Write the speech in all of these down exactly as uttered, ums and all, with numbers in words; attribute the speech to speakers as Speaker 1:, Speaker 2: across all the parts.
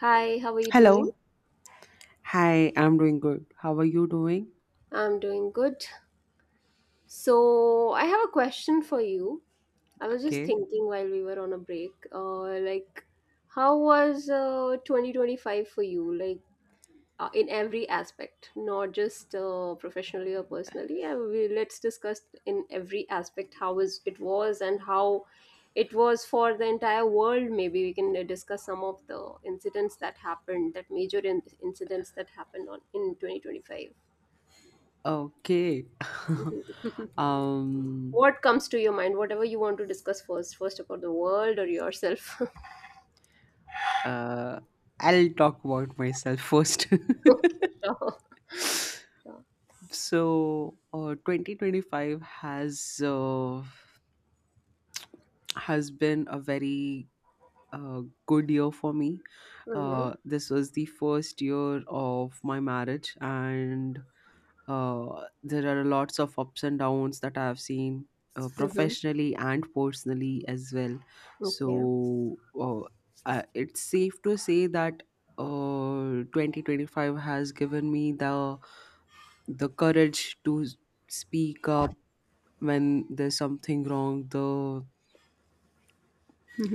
Speaker 1: Hi, how are you doing?
Speaker 2: Hello. Hi, I'm doing good. How are you doing?
Speaker 1: I'm doing good. So, I have a question for you. I was just
Speaker 2: Okay.
Speaker 1: thinking while we were on a break, uh, like, how was uh, twenty twenty-five for you? Like, uh, in every aspect, not just uh, professionally or personally. Uh, we, let's discuss in every aspect how was it was and how it was for the entire world. Maybe we can uh, discuss some of the incidents that happened, that major in- incidents that happened on in twenty twenty-five.
Speaker 2: Okay. um
Speaker 1: What comes to your mind? Whatever you want to discuss first, first about the world or yourself.
Speaker 2: uh I'll talk about myself first.
Speaker 1: Okay, sure. Sure.
Speaker 2: so, uh twenty twenty-five has uh, has been a very uh, good year for me.
Speaker 1: Mm-hmm.
Speaker 2: Uh this was the first year of my marriage, and Uh, there are lots of ups and downs that I have seen uh,
Speaker 1: Mm-hmm.
Speaker 2: professionally and personally as well. So
Speaker 1: Okay.
Speaker 2: uh, uh, it's safe to say that uh, twenty twenty-five has given me the the courage to s- speak up when there's something wrong. The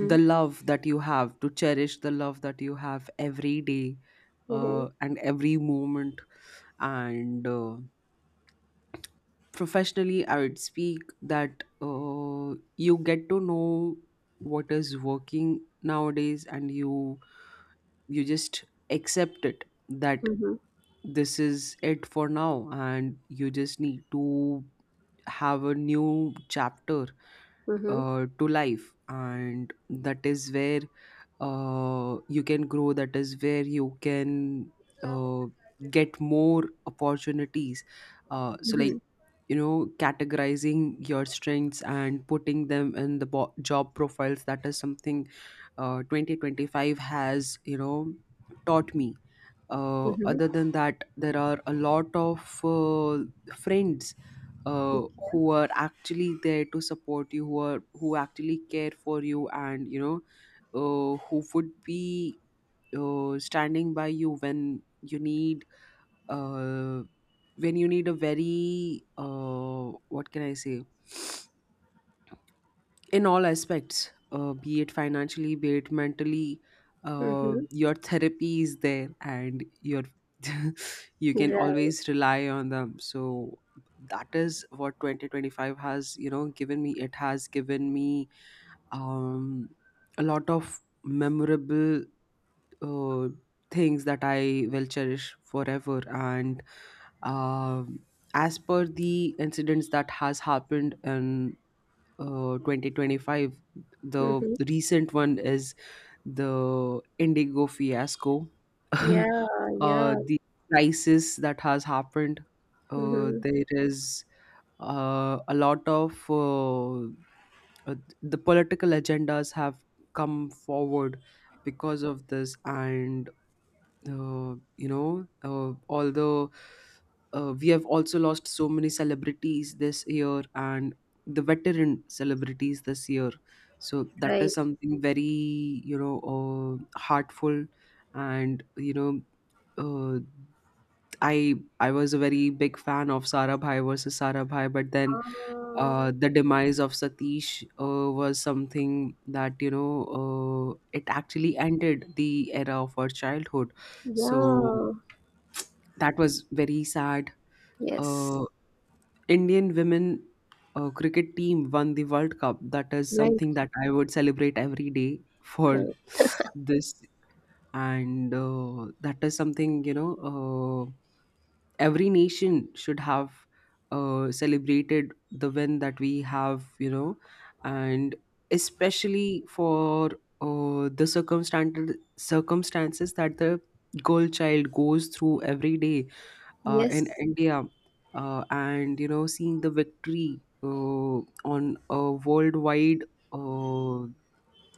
Speaker 2: the love that you have to cherish, the love that you have every day,
Speaker 1: Mm-hmm.
Speaker 2: uh, and every moment, and. Uh, professionally, I would speak that uh, you get to know what is working nowadays, and you you just accept it, that
Speaker 1: Mm-hmm.
Speaker 2: this is it for now, and you just need to have a new chapter
Speaker 1: Mm-hmm.
Speaker 2: uh, to life. And that is where uh, you can grow, that is where you can uh, get more opportunities. Uh, so, like,
Speaker 1: Mhm,
Speaker 2: you know categorizing your strengths and putting them in the bo- job profiles, that is something uh, twenty twenty-five has, you know taught me. Uh, other than that, there are a lot of uh, friends uh, who are actually there to support you, who are who actually care for you, and, you know uh, who would be uh, standing by you when you need uh, when you need a very, uh, what can I say, in all aspects, uh, be it financially, be it mentally, uh,
Speaker 1: mhm,
Speaker 2: your therapy is there, and your you
Speaker 1: mhm,
Speaker 2: can
Speaker 1: right.
Speaker 2: always rely on them. So that is what twenty twenty-five has, you know given me. It has given me um a lot of memorable uh, things that I will cherish forever, and um as per the incidents that has happened in uh, twenty twenty-five, the
Speaker 1: Mhm.
Speaker 2: recent one is the Indigo fiasco. uh,
Speaker 1: Yeah, yeah.
Speaker 2: the crisis that has happened, uh,
Speaker 1: Mhm,
Speaker 2: there is uh, a lot of, uh, uh, the political agendas have come forward because of this. And uh, you know uh, although uh, we have also lost so many celebrities this year, and the veteran celebrities this year, so that
Speaker 1: right.
Speaker 2: is something very, you know uh, heartful. And, you know uh, I I was a very big fan of Sarabhai versus Sarabhai, but then,
Speaker 1: Ah,
Speaker 2: uh, the demise of Satish uh, was something that, you know uh, it actually ended the era of our childhood. So
Speaker 1: yeah.
Speaker 2: that was very sad.
Speaker 1: Yes.
Speaker 2: Uh, Indian women uh, cricket team won the World Cup. That is
Speaker 1: Right,
Speaker 2: something that I would celebrate every day for
Speaker 1: right.
Speaker 2: this, and uh, that is something, you know. Uh, every nation should have uh, celebrated the win that we have, you know, and especially for uh, the circumstances circumstances that the girl child goes through every day uh, in
Speaker 1: Yes.
Speaker 2: India, uh, and, you know, seeing the victory uh, on a worldwide uh,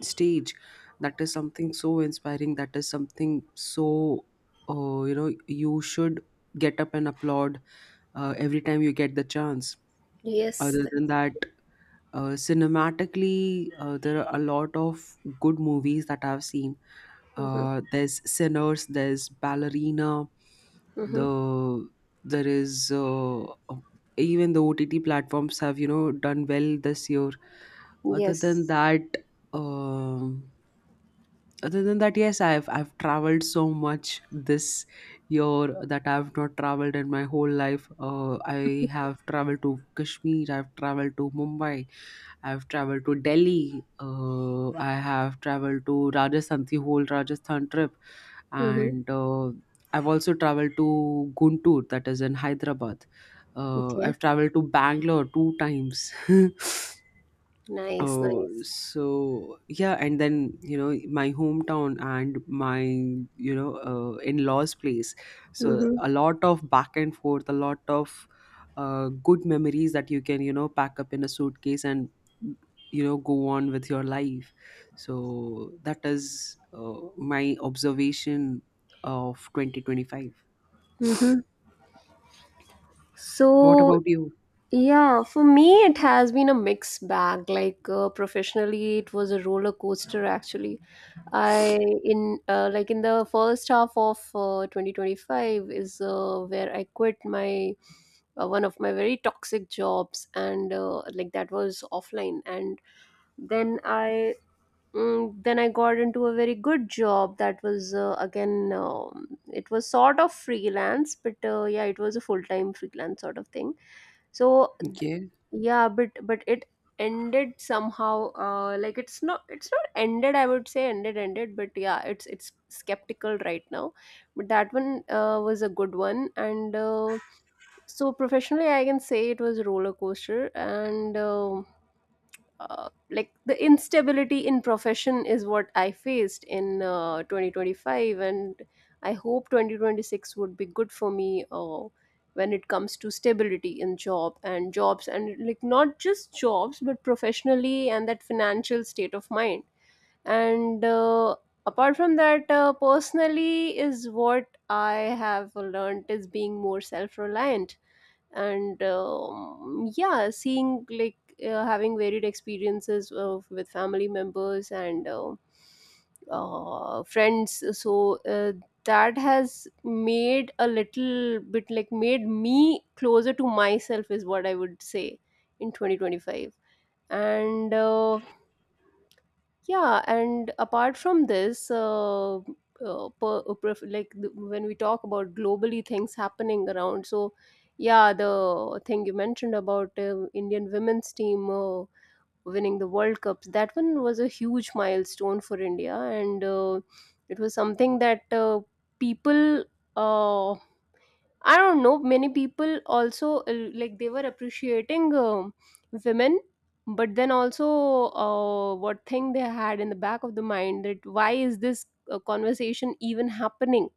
Speaker 2: stage. That is something so inspiring. That is something so, uh, you know you should get up and applaud uh, every time you get the chance.
Speaker 1: Yes.
Speaker 2: Other than that, uh, cinematically, uh, there are a lot of good movies that I've seen.
Speaker 1: Mm-hmm.
Speaker 2: Uh, there's Sinners, there's Ballerina.
Speaker 1: Mm-hmm.
Speaker 2: The there is uh, Even the O T T platforms have, you know done well this year. Other than
Speaker 1: Yes.
Speaker 2: that, um, Other than that, yes, i've i've traveled so much this year that I've not traveled in my whole life. uh, I have traveled to Kashmir, I've traveled to Mumbai, I've traveled to Delhi. Uh, I have traveled to Rajasthan, the whole Rajasthan trip,
Speaker 1: Mm-hmm.
Speaker 2: and uh, I've also traveled to Guntur, that is in Hyderabad. Uh,
Speaker 1: Okay.
Speaker 2: I've traveled to Bangalore two times.
Speaker 1: Nice,
Speaker 2: Oh,
Speaker 1: nice.
Speaker 2: so yeah, and then, you know my hometown and my, you know uh, in-laws' place. So
Speaker 1: Mm-hmm.
Speaker 2: a lot of back and forth, a lot of uh, good memories that you can, you know pack up in a suitcase and, you know go on with your life. So that is uh, my observation of twenty twenty-five. What
Speaker 1: So,
Speaker 2: about you?
Speaker 1: yeah, for me, it has been a mixed bag. Like, uh, professionally, it was a roller coaster actually. I in uh, like in the first half of uh, twenty twenty-five is uh, where I quit my uh, one of my very toxic jobs, and uh, like that was offline, and then I mm, then I got into a very good job that was uh, again, um, it was sort of freelance, but uh, yeah, it was a full-time freelance sort of thing. So
Speaker 2: Okay.
Speaker 1: yeah, but but it ended somehow, uh like it's not, it's not ended I would say ended, ended, but yeah, it's it's skeptical right now, but that one uh, was a good one, and uh, so professionally I can say it was a roller coaster, and uh, uh, like the instability in profession is what I faced in uh, twenty twenty-five, and I hope twenty twenty-six would be good for me uh, when it comes to stability in job and jobs, and like not just jobs but professionally, and that financial state of mind. And uh, apart from that, uh, personally is what I have learned, is being more self-reliant, and um, yeah, seeing like, uh, having varied experiences of, with family members and uh, uh, friends, so uh, that has made a little bit, like, made me closer to myself, is what I would say in twenty twenty-five. And uh, yeah, and apart from this, uh, uh, per, uh, pref- like the, when we talk about globally things happening around, so yeah, the thing you mentioned about uh, Indian women's team uh, winning the World Cups, that one was a huge milestone for India, and uh, it was something that uh, people. Uh, I don't know. Many people also uh, like they were appreciating um women, but then also uh, what thing they had in the back of the mind, that why is this uh, conversation even happening?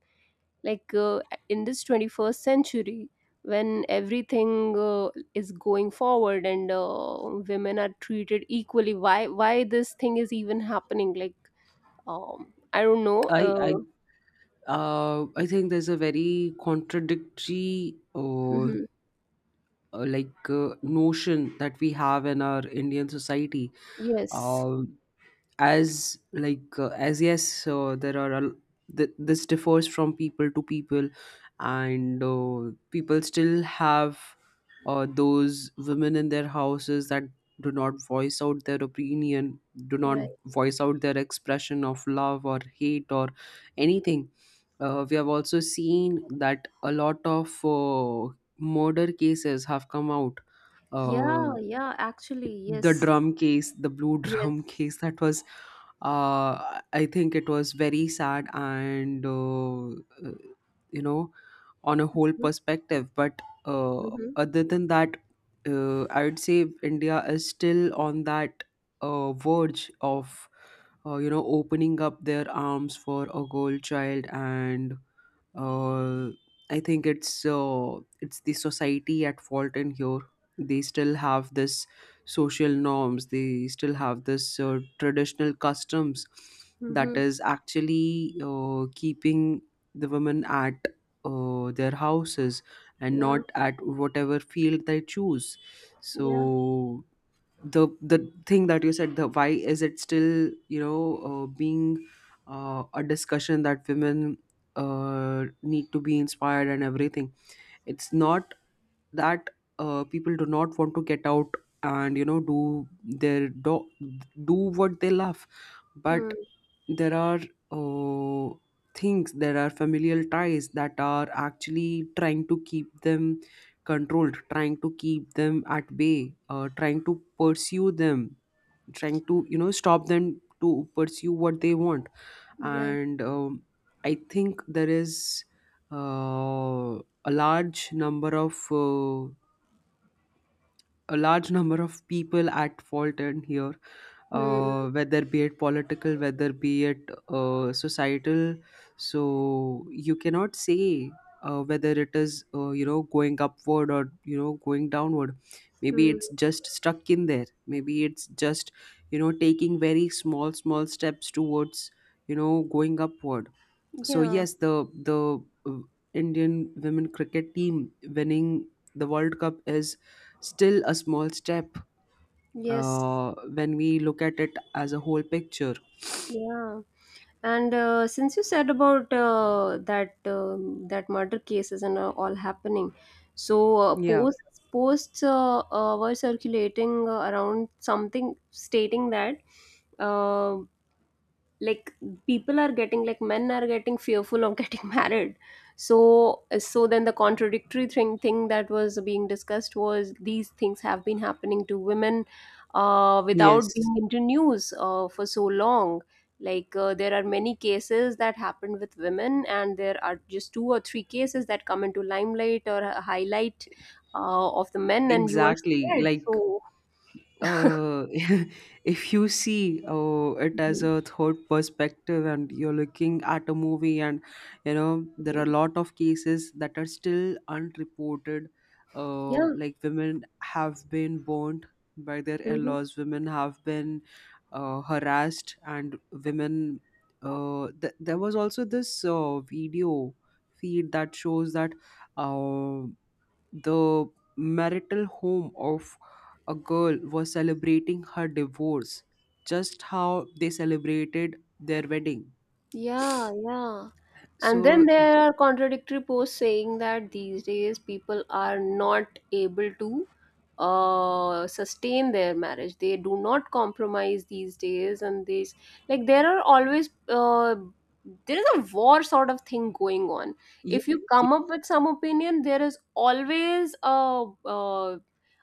Speaker 1: Like, uh, in this twenty first century, when everything uh, is going forward, and uh, women are treated equally, why why this thing is even happening? Like, um, I don't know.
Speaker 2: I I
Speaker 1: Uh,
Speaker 2: uh I think there's a very contradictory, uh,
Speaker 1: mhm.
Speaker 2: uh, like uh, notion that we have in our Indian society.
Speaker 1: Yes,
Speaker 2: Uh, as, like uh, as, yes, so there are a, th- this differs from people to people, and uh, people still have uh, those women in their houses that do not voice out their opinion, do not
Speaker 1: right.
Speaker 2: voice out their expression of love or hate or anything. Uh, we have also seen that a lot of uh, murder cases have come out, uh,
Speaker 1: Yeah, yeah, actually,
Speaker 2: the
Speaker 1: yes.
Speaker 2: drum case the blue drum case,
Speaker 1: Yes.
Speaker 2: that was, uh I think, it was very sad, and, uh, uh, you know on a whole
Speaker 1: Mm,
Speaker 2: perspective. But uh,
Speaker 1: mhm.
Speaker 2: other than that, uh, I would say India is still on that uh, verge of, uh, you know opening up their arms for a girl child, and uh, I think it's, uh, it's the society at fault in here. They still have this social norms. They still have this uh, traditional customs that
Speaker 1: Mhm.
Speaker 2: is actually uh, keeping the women at uh, their houses, and
Speaker 1: Yeah.
Speaker 2: not at whatever field they choose.
Speaker 1: Yeah.
Speaker 2: So the the thing that you said, the, why is it still, you know uh, being, uh, a discussion that women uh, need to be inspired, and everything. It's not that uh, people do not want to get out and, you know do their, do, do what they love, but
Speaker 1: Mm.
Speaker 2: there are uh, things, there are familial ties that are actually trying to keep them controlled, trying to keep them at bay, uh, trying to pursue them, trying to, you know stop them to pursue what they want,
Speaker 1: Yeah.
Speaker 2: and um, I think there is uh, a large number of uh, a large number of people at fault in here,
Speaker 1: Mm.
Speaker 2: uh, whether be it political, whether be it uh, societal. So you cannot say uh, whether it is, uh, you know going upward, or, you know going downward. Maybe
Speaker 1: Mm.
Speaker 2: it's just stuck in there, maybe it's just, you know taking very small small steps towards, you know going upward. So
Speaker 1: Yeah.
Speaker 2: yes, the the uh, Indian women cricket team winning the World Cup is still a small step,
Speaker 1: Yes.
Speaker 2: uh, when we look at it as a whole picture.
Speaker 1: Yeah. And uh, since you said about uh, that um that murder cases and uh, all happening, so uh,
Speaker 2: Yeah,
Speaker 1: posts posts uh, uh, were circulating uh, around something stating that. uh, like, people are getting, like, men are getting fearful of getting married. So, so then the contradictory thing thing that was being discussed was, these things have been happening to women uh, without
Speaker 2: yes,
Speaker 1: being into news uh, for so long. Like, uh, there are many cases that happened with women, and there are just two or three cases that come into limelight or a highlight uh, of the men and you are
Speaker 2: exactly,
Speaker 1: scared,
Speaker 2: like,
Speaker 1: so
Speaker 2: uh, if you see uh, it as a third perspective, and you're looking at a movie, and, you know there are a lot of cases that are still unreported, uh,
Speaker 1: yeah.
Speaker 2: like women have been burned by their
Speaker 1: Mm-hmm.
Speaker 2: in-laws, women have been uh, harassed, and women, uh, th- there was also this uh, video feed that shows that, uh. the marital home of a girl was celebrating her divorce, just how they celebrated their wedding.
Speaker 1: Yeah, yeah. And then
Speaker 2: So,
Speaker 1: there are contradictory posts saying that these days people are not able to uh, sustain their marriage. They do not compromise these days, and these, like, there are always uh, there is a war sort of thing going on.
Speaker 2: yes,
Speaker 1: If you
Speaker 2: yeah,
Speaker 1: come up with some opinion, there is always a uh,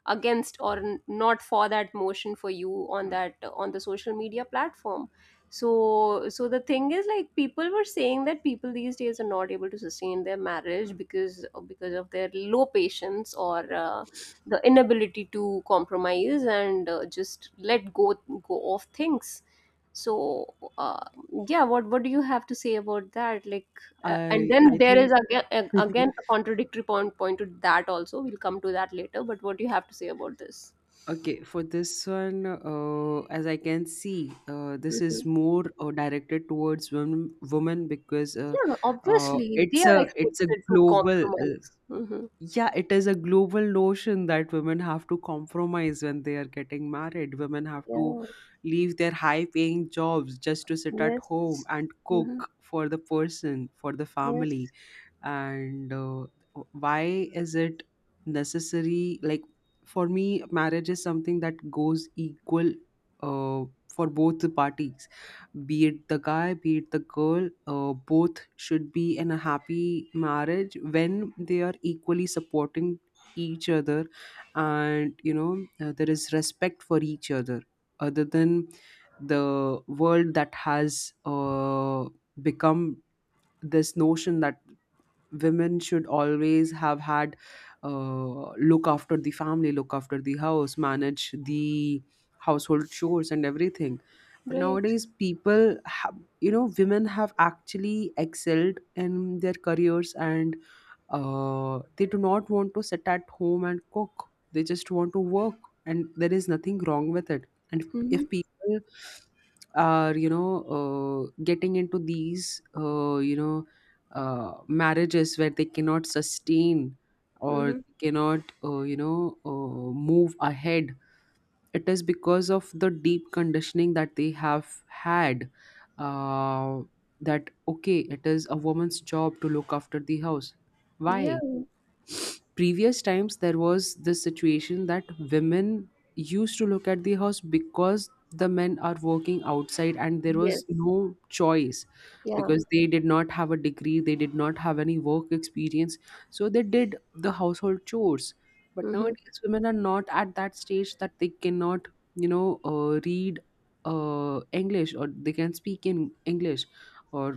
Speaker 1: against, or n- not for that motion for you, on that, on the social media platform. So, so the thing is, like, people were saying that people these days are not able to sustain their marriage because uh, because of their low patience, or uh, the inability to compromise and uh, just let go, go of things. So uh, yeah, what what do you have to say about that? Like, uh, and
Speaker 2: I
Speaker 1: then
Speaker 2: I
Speaker 1: there
Speaker 2: think.
Speaker 1: is again again a contradictory point point to that also, we'll come to that later, but what do you have to say about this?
Speaker 2: Okay, for this one, uh, as I can see, uh, this
Speaker 1: Hmm.
Speaker 2: is more uh, directed towards women, women, because, uh,
Speaker 1: Yeah,
Speaker 2: uh,
Speaker 1: obviously they
Speaker 2: it's
Speaker 1: are
Speaker 2: a it's a
Speaker 1: expected to
Speaker 2: global. uh,
Speaker 1: compromise. Hmm.
Speaker 2: Yeah, it is a global notion that women have to compromise when they are getting married. Women have to
Speaker 1: Yeah.
Speaker 2: leave their high paying jobs just to sit at
Speaker 1: Yes.
Speaker 2: home and
Speaker 1: Mm-hmm.
Speaker 2: cook for the person, for the
Speaker 1: Yes.
Speaker 2: family, and uh, why is it necessary? Like, for me, marriage is something that goes equal uh, for both the parties, be it the guy, be it the girl. Uh, both should be in a happy marriage when they are equally supporting each other, and, you know uh, there is respect for each other. Other than the world that has uh, become this notion that women should always have had, uh, look after the family, look after the house, manage the household chores and everything. But
Speaker 1: Great.
Speaker 2: nowadays people have, you know, women have actually excelled in their careers, and uh, they do not want to sit at home and cook, they just want to work, and there is nothing wrong with it. And
Speaker 1: Mm-hmm.
Speaker 2: if people are, you know uh, getting into these, uh, you know uh, marriages where they cannot sustain, or
Speaker 1: Mm-hmm.
Speaker 2: cannot, uh, you know uh, move ahead, it is because of the deep conditioning that they have had, uh, that, okay, it is a woman's job to look after the house.
Speaker 1: Yeah.
Speaker 2: Why? Previous times, there was this situation that women used to look at the house because the men are working outside, and there was
Speaker 1: Yes.
Speaker 2: no choice,
Speaker 1: Yeah.
Speaker 2: because they did not have a degree, they did not have any work experience, so they did the household chores. But
Speaker 1: Mm-hmm.
Speaker 2: nowadays women are not at that stage that they cannot, you know uh, read uh, English, or they can speak in English. Or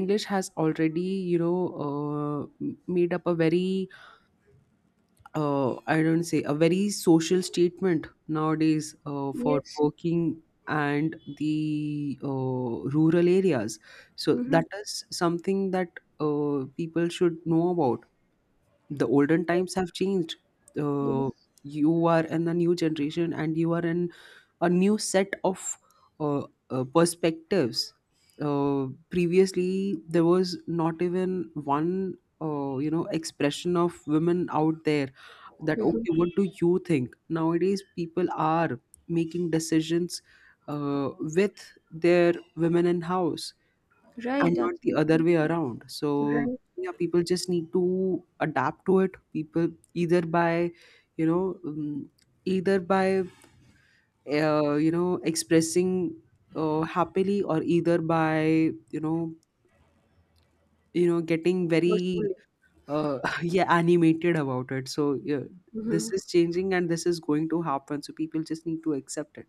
Speaker 2: English has already, you know uh, m- made up a very, uh, I don't say a very social statement nowadays, uh, for
Speaker 1: Yes.
Speaker 2: working and the uh, rural areas. So
Speaker 1: Mm-hmm.
Speaker 2: that is something that uh, people should know about. The olden times have changed. Uh,
Speaker 1: Yes.
Speaker 2: you are in the new generation, and you are in a new set of, uh, uh, perspectives. Uh, previously, there was not even one, uh, you know, expression of women out there that,
Speaker 1: Mm-hmm.
Speaker 2: okay, what do you think? Nowadays, people are making decisions uh, with their women in house and
Speaker 1: Right.
Speaker 2: not the other
Speaker 1: Absolutely.
Speaker 2: way around. So,
Speaker 1: Right.
Speaker 2: yeah, people just need to adapt to it. People either by, you know, um, either by uh, you know expressing uh, happily, or either by you know you know getting very
Speaker 1: Forcefully.
Speaker 2: uh, yeah animated about it. So yeah,
Speaker 1: Mm-hmm.
Speaker 2: this is changing and this is going to happen, so people just need to accept it.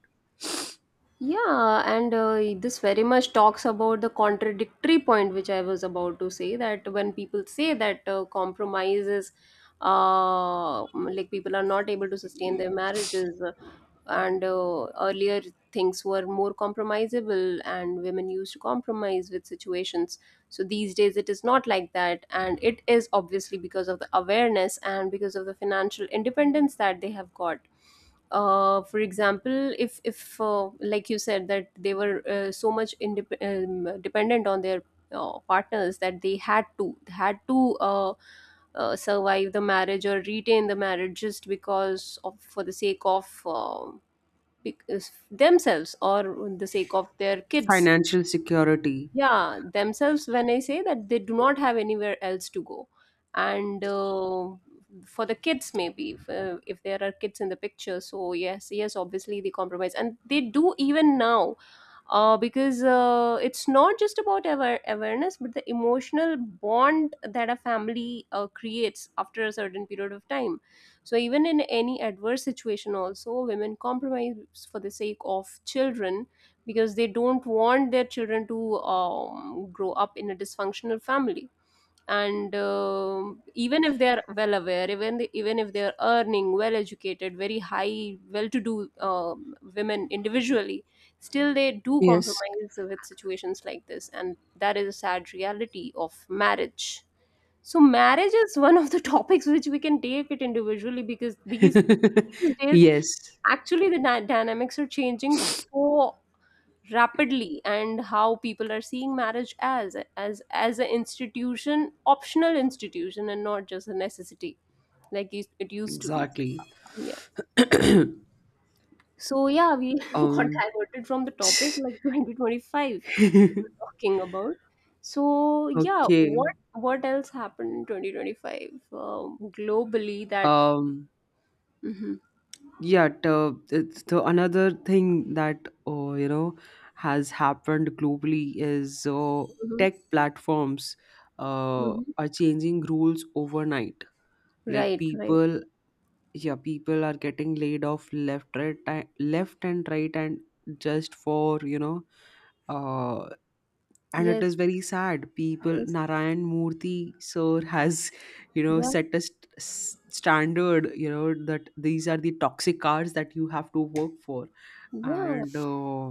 Speaker 1: Yeah, and uh, this very much talks about the contradictory point which I was about to say, that when people say that uh, compromise is, uh, like people are not able to sustain their marriages, uh, and uh, earlier things were more compromisable, and women used to compromise with situations. So these days it is not like that, and it is obviously because of the awareness and because of the financial independence that they have got. Uh, for example, if if uh, like you said, that they were uh, so much indep- um, dependent on their uh, partners, that they had to had to uh, uh, survive the marriage or retain the marriage, just because of, for the sake of um, bec- themselves, or the sake of their kids.
Speaker 2: Financial security.
Speaker 1: Yeah, themselves, when I say that they do not have anywhere else to go. And uh, for the kids maybe, if, uh, if there are kids in the picture, so yes, yes obviously they compromise, and they do even now, uh, because uh, it's not just about aware- awareness, but the emotional bond that a family uh, creates after a certain period of time. So even in any adverse situation also, women compromise for the sake of children, because they don't want their children to um, grow up in a dysfunctional family. And um even if they are well aware, even the, even if they are earning well, educated, very high, well to do, um, women individually, still they do
Speaker 2: Yes.
Speaker 1: compromise with situations like this, and that is a sad reality of marriage. So marriage is one of the topics which we can take it individually, because these these days,
Speaker 2: Yes,
Speaker 1: actually, the dy- dynamics are changing so rapidly, and how people are seeing marriage as as as an institution, optional institution, and not just a necessity, like it it used to be.
Speaker 2: exactly.
Speaker 1: Yeah. So yeah, we got
Speaker 2: um
Speaker 1: diverted from the topic, like twenty twenty-five we were talking about. So yeah,
Speaker 2: okay.
Speaker 1: what what else happened in twenty twenty-five, um, globally, that...
Speaker 2: um
Speaker 1: Hmm.
Speaker 2: Yet, uh, it's the another thing that uh, you know has happened globally is, uh,
Speaker 1: Hmm.
Speaker 2: tech platforms uh,
Speaker 1: Hmm.
Speaker 2: are changing rules overnight. Like
Speaker 1: Right, right.
Speaker 2: people, yeah, people are getting laid off left, right, ti- left and right, and just for you know uh, and it
Speaker 1: Yes,
Speaker 2: is very sad. People,
Speaker 1: yes.
Speaker 2: Narayan Murthy sir has, you know,
Speaker 1: Yeah,
Speaker 2: set a st- s- standard, you know, that these are the toxic cars that you have to work for.
Speaker 1: yeah.
Speaker 2: And uh,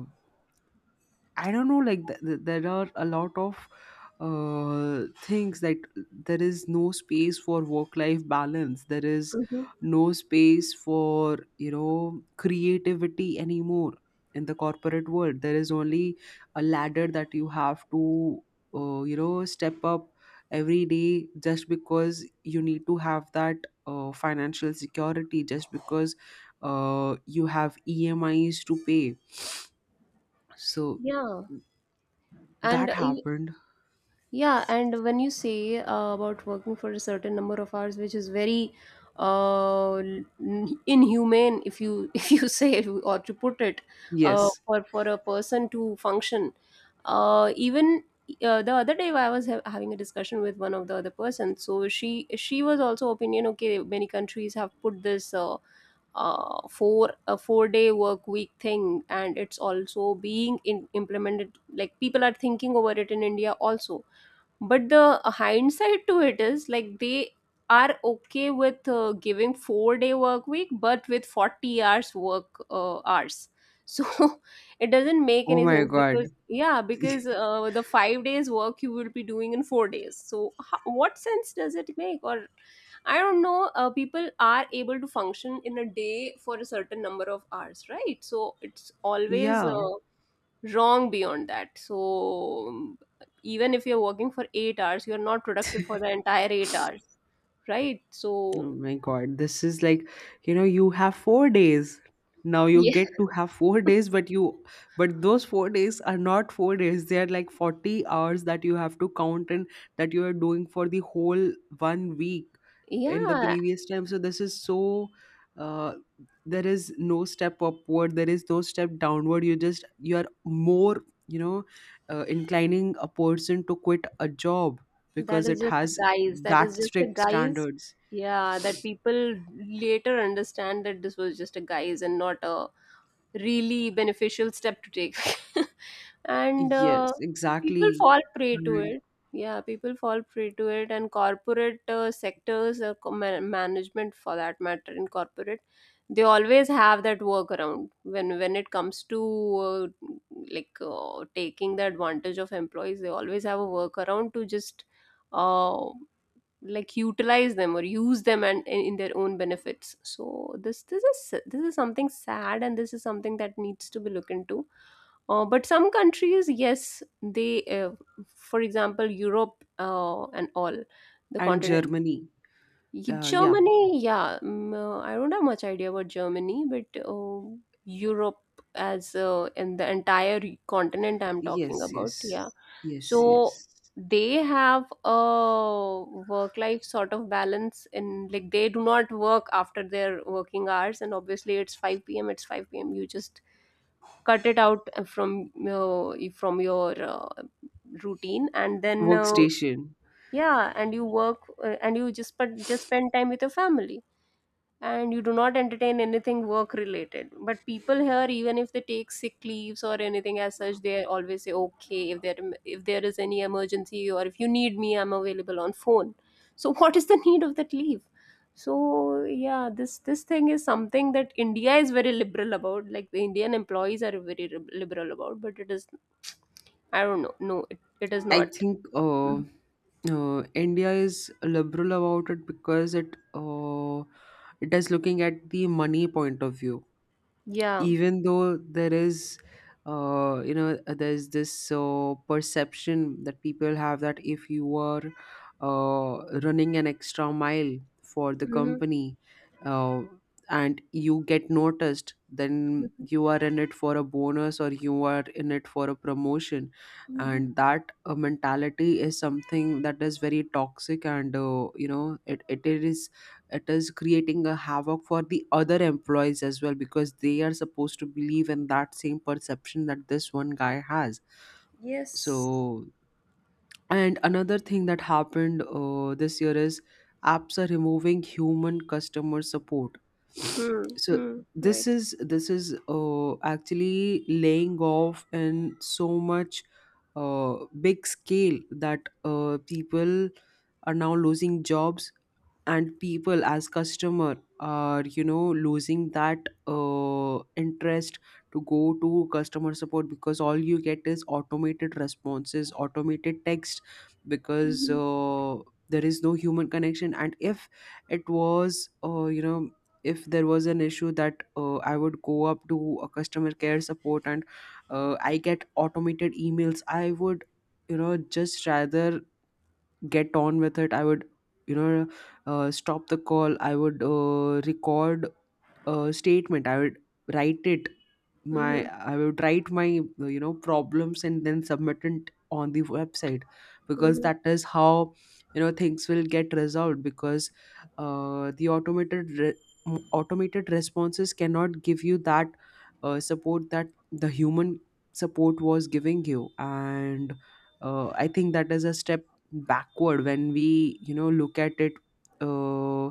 Speaker 2: I don't know, like th- th- there are a lot of uh, things that — there is no space for work-life balance. There is
Speaker 1: Hmm.
Speaker 2: no space for, you know, creativity anymore in the corporate world. There is only a ladder that you have to uh, you know, step up every day, just because you need to have that uh, financial security, just because uh, you have E M Is to pay. So
Speaker 1: Yeah. And
Speaker 2: that
Speaker 1: uh,
Speaker 2: happened.
Speaker 1: yeah, and when you say uh, about working for a certain number of hours, which is very uh, n- inhumane, if you if you say, or to put it, uh,
Speaker 2: Yes.
Speaker 1: for for a person to function. Uh, even uh, the other day, I was ha- having a discussion with one of the other person. So she she was also opinion. Okay, many countries have put this uh, uh, four a four day work week thing, and it's also being in, implemented. Like people are thinking over it in India also, but the hindsight to it is, like, they are okay with uh, giving four day work week, but with forty hours work uh, hours. So it doesn't make
Speaker 2: Oh
Speaker 1: any
Speaker 2: my
Speaker 1: sense, because
Speaker 2: God.
Speaker 1: yeah, because uh, the five days work you will be doing in four days, so how, what sense does it make? Or I don't know, uh, people are able to function in a day for a certain number of hours, right? So it's always
Speaker 2: Yeah.
Speaker 1: uh, wrong beyond that. So um, even if you're working for eight hours, you're not productive for the entire eight hours, right? So.
Speaker 2: Oh my God, this is like, you know, you have four days. Now you
Speaker 1: Yeah.
Speaker 2: get to have four days, but you, but those four days are not four days. They are like forty hours that you have to count and that you are doing for the whole one week in the
Speaker 1: Yeah,
Speaker 2: previous time. So this is so, uh, there is no step upward. There is no step downward. You just, you are more, you know, uh, inclining a person to quit a job
Speaker 1: that
Speaker 2: because
Speaker 1: is
Speaker 2: it
Speaker 1: just a
Speaker 2: has
Speaker 1: guise. That is
Speaker 2: that
Speaker 1: just a
Speaker 2: strict
Speaker 1: guise.
Speaker 2: standards.
Speaker 1: Yeah, that people later understand that this was just a guise, and not a really beneficial step to take. And
Speaker 2: Yes,
Speaker 1: uh, people
Speaker 2: exactly.
Speaker 1: fall prey to
Speaker 2: And
Speaker 1: it. Yeah, people fall prey to it, and corporate uh, sectors, or co- ma- management for that matter, in corporate, they always have that workaround when when it comes to uh, like, uh, taking the advantage of employees. They always have a workaround to just uh, like utilize them or use them, and in, in their own benefits. So this this is this is something sad, and this is something that needs to be looked into. Uh, but some countries, yes, they uh, for example Europe, uh, and all the
Speaker 2: and
Speaker 1: continent.
Speaker 2: Germany.
Speaker 1: Ye-
Speaker 2: Uh, yeah.
Speaker 1: Germany, yeah, mm, uh, I don't have much idea about Germany, but uh, Europe, as uh, in the entire continent I'm talking
Speaker 2: Yes,
Speaker 1: about,
Speaker 2: yes.
Speaker 1: yeah.
Speaker 2: Yes, yes.
Speaker 1: So they have a work-life sort of balance, and like they do not work after their working hours, and obviously it's five p m. It's five p m. You just cut it out uh, from uh, from your uh, routine, and then uh,
Speaker 2: Workstation.
Speaker 1: yeah, and you work uh, and you just, but just spend time with your family, and you do not entertain anything work related. But people here, even if they take sick leaves or anything as such, they always say okay, if there if there is any emergency or if you need me, I'm available on phone. So what is the need of that leave? So yeah, this this thing is something that India is very liberal about, like the Indian employees are very lib- liberal about. But it is, I don't know, no, it, it is
Speaker 2: I
Speaker 1: not.
Speaker 2: think uh,
Speaker 1: Mhm.
Speaker 2: uh, India is liberal about it because it uh, it is looking at the money point of view.
Speaker 1: Yeah.
Speaker 2: Even though there is uh, you know uh, there's this uh, perception that people have that if you are uh, running an extra mile for the
Speaker 1: Mm-hmm.
Speaker 2: company uh, and you get noticed, then
Speaker 1: Mm-hmm.
Speaker 2: you are in it for a bonus or you are in it for a promotion.
Speaker 1: Mm-hmm.
Speaker 2: And that uh, mentality is something that is very toxic, and uh, you know, it, it is — it is creating a havoc for the other employees as well, because they are supposed to believe in that same perception that this one guy has.
Speaker 1: Yes.
Speaker 2: So, and another thing that happened uh, this year is, apps are removing human customer support.
Speaker 1: Hmm.
Speaker 2: So
Speaker 1: Hmm.
Speaker 2: this
Speaker 1: Right.
Speaker 2: is this is uh, actually laying off in so much uh, big scale that uh, people are now losing jobs, and people as customer are, you know, losing that uh, interest to go to customer support, because all you get is automated responses, automated text, because uh, there is no human connection. And if it was, uh, you know if there was an issue that uh, I would go up to a customer care support and uh, I get automated emails, I would, you know, just rather get on with it. I would, you know, uh, stop the call, I would uh, record uh, statement, I would write it, my
Speaker 1: Mhm.
Speaker 2: I would write my, you know, problems and then submit it on the website, because
Speaker 1: Mhm.
Speaker 2: that is how, you know, things will get resolved. Because uh, the automated re- m- automated responses cannot give you that uh, support that the human support was giving you. And uh, I think that is a step backward, when we, you know, look at it, uh,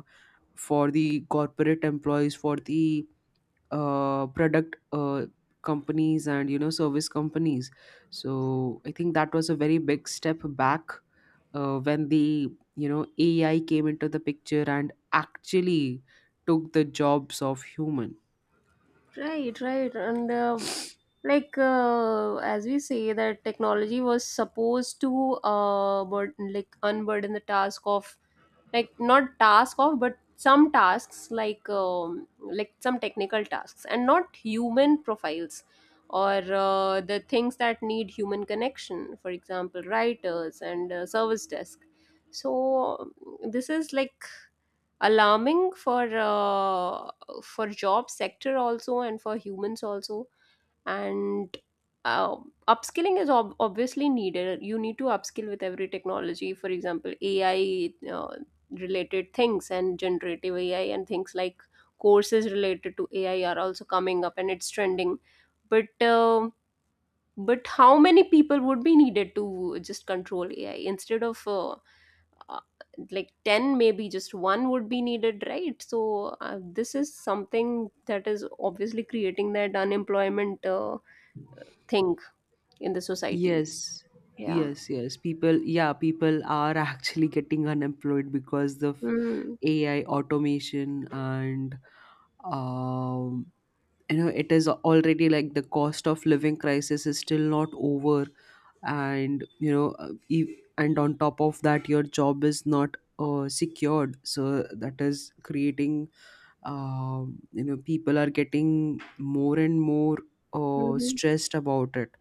Speaker 2: for the corporate employees, for the uh, product uh, companies and, you know, service companies. So I think that was a very big step back, uh, when the, you know, AI came into the picture and actually took the jobs of human.
Speaker 1: Right, right. And uh, like, uh, as we say, that technology was supposed to uh burden, like unburden the task of, like, not task of, but some tasks like, um, like, some technical tasks, and not human profiles, or uh, the things that need human connection, for example writers and uh, service desk. So this is like alarming for uh, for job sector also, and for humans also. And uh, upskilling is ob- obviously needed. You need to upskill with every technology, for example A I, uh, related things, and generative A I, and things like, courses related to A I are also coming up and it's trending. But uh, but how many people would be needed to just control A I instead of uh, uh, like ten? Maybe just one would be needed, right? So uh, this is something that is obviously creating that unemployment uh, thing in the society.
Speaker 2: Yes,
Speaker 1: Yeah.
Speaker 2: yes, yes. People, yeah, people are actually getting unemployed because of
Speaker 1: Mm-hmm.
Speaker 2: A I automation. And um, you know, it is already, like the cost of living crisis is still not over, and you know, uh, e- and on top of that, your job is not uh, secured. So that is creating, um, you know, people are getting more and more uh,
Speaker 1: Mm-hmm.
Speaker 2: stressed about it.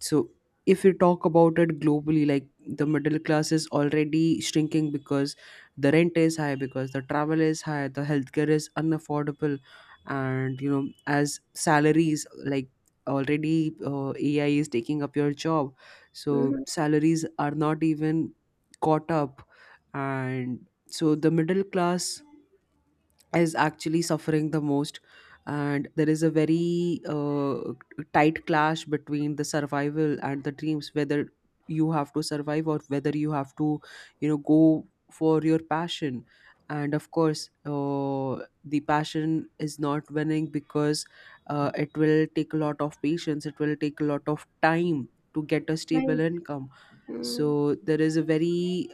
Speaker 2: So, if we talk about it globally, like the middle class is already shrinking, because the rent is high, because the travel is high, the healthcare is unaffordable, and you know, as salaries, like already, uh, AI is taking up your job, so
Speaker 1: Hmm.
Speaker 2: salaries are not even caught up. And so the middle class is actually suffering the most, and there is a very uh, tight clash between the survival and the dreams, whether you have to survive or whether you have to, you know, go for your passion. And of course, uh, the passion is not winning, because uh, it will take a lot of patience, it will take a lot of time to get a stable
Speaker 1: Right.
Speaker 2: income.
Speaker 1: Mm.
Speaker 2: So there is a very —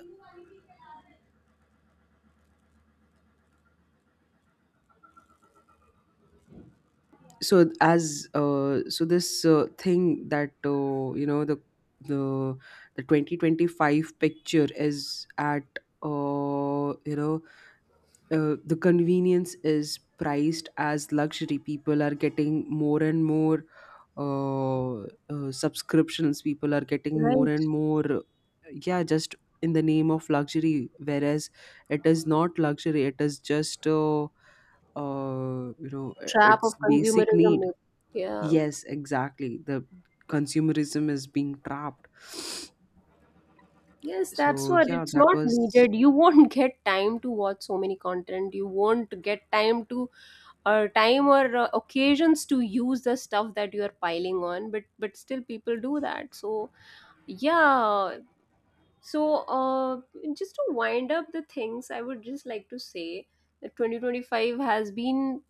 Speaker 2: so as uh, so this uh, thing that uh, you know the the the twenty twenty-five picture is at, uh, you know uh, the convenience is priced as luxury. People are getting more and more uh, uh, subscriptions, people are getting more
Speaker 1: Right.
Speaker 2: and more, yeah, just in the name of luxury, whereas it is not luxury, it is just uh, uh, you know
Speaker 1: Trap
Speaker 2: it's
Speaker 1: of
Speaker 2: basic
Speaker 1: consumerism,
Speaker 2: need.
Speaker 1: maybe. Yeah.
Speaker 2: Yes, exactly. The consumerism is being trapped.
Speaker 1: Yes, that's
Speaker 2: So
Speaker 1: what.
Speaker 2: yeah,
Speaker 1: It's
Speaker 2: that
Speaker 1: not
Speaker 2: was —
Speaker 1: needed. You won't get time to watch so many content, you won't get time to, or time, or uh, occasions to use the stuff that you are piling on, but but still people do that, so yeah. So uh just to wind up the things, I would just like to say that twenty twenty-five has been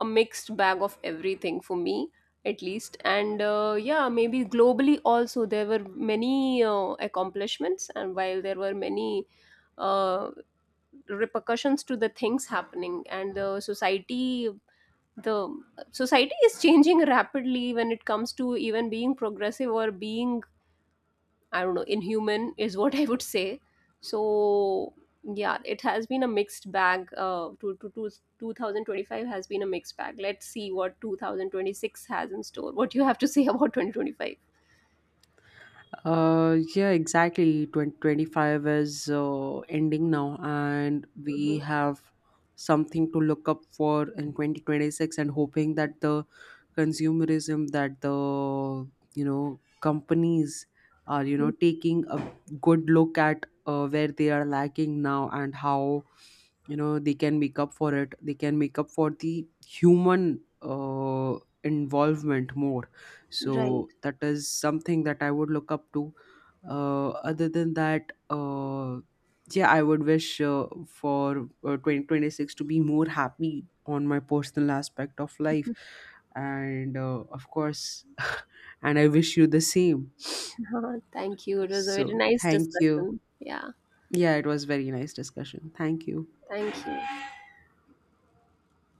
Speaker 1: a mixed bag of everything for me, at least, and uh, yeah, maybe globally also there were many uh, accomplishments, and while there were many uh, repercussions to the things happening, and the society. The society is changing rapidly when it comes to even being progressive or being, I don't know, inhuman is what I would say. So yeah, it has been a mixed bag. Uh, to, to, to twenty twenty-five has been a mixed bag. Let's see what two thousand twenty-six has in store. What do you have to say about twenty twenty-five?
Speaker 2: Uh, yeah, exactly. twenty twenty-five is uh, ending now, and we
Speaker 1: Mhm.
Speaker 2: have something to look up for in twenty twenty-six, and hoping that the consumerism that the, you know, companies are, you know, taking a good look at uh, where they are lacking now, and how, you know, they can make up for it, they can make up for the human uh, involvement more. So that is something that I would look up to. Uh, other than that, uh, yeah, I would wish uh, for uh, twenty twenty-six to be more happy on my personal aspect of life. And uh, of course and I wish you the same.
Speaker 1: Right. Thank you, it was a very
Speaker 2: So
Speaker 1: nice
Speaker 2: thank you.
Speaker 1: discussion. Yeah,
Speaker 2: Yeah, it was very nice discussion, thank you.
Speaker 1: thank you.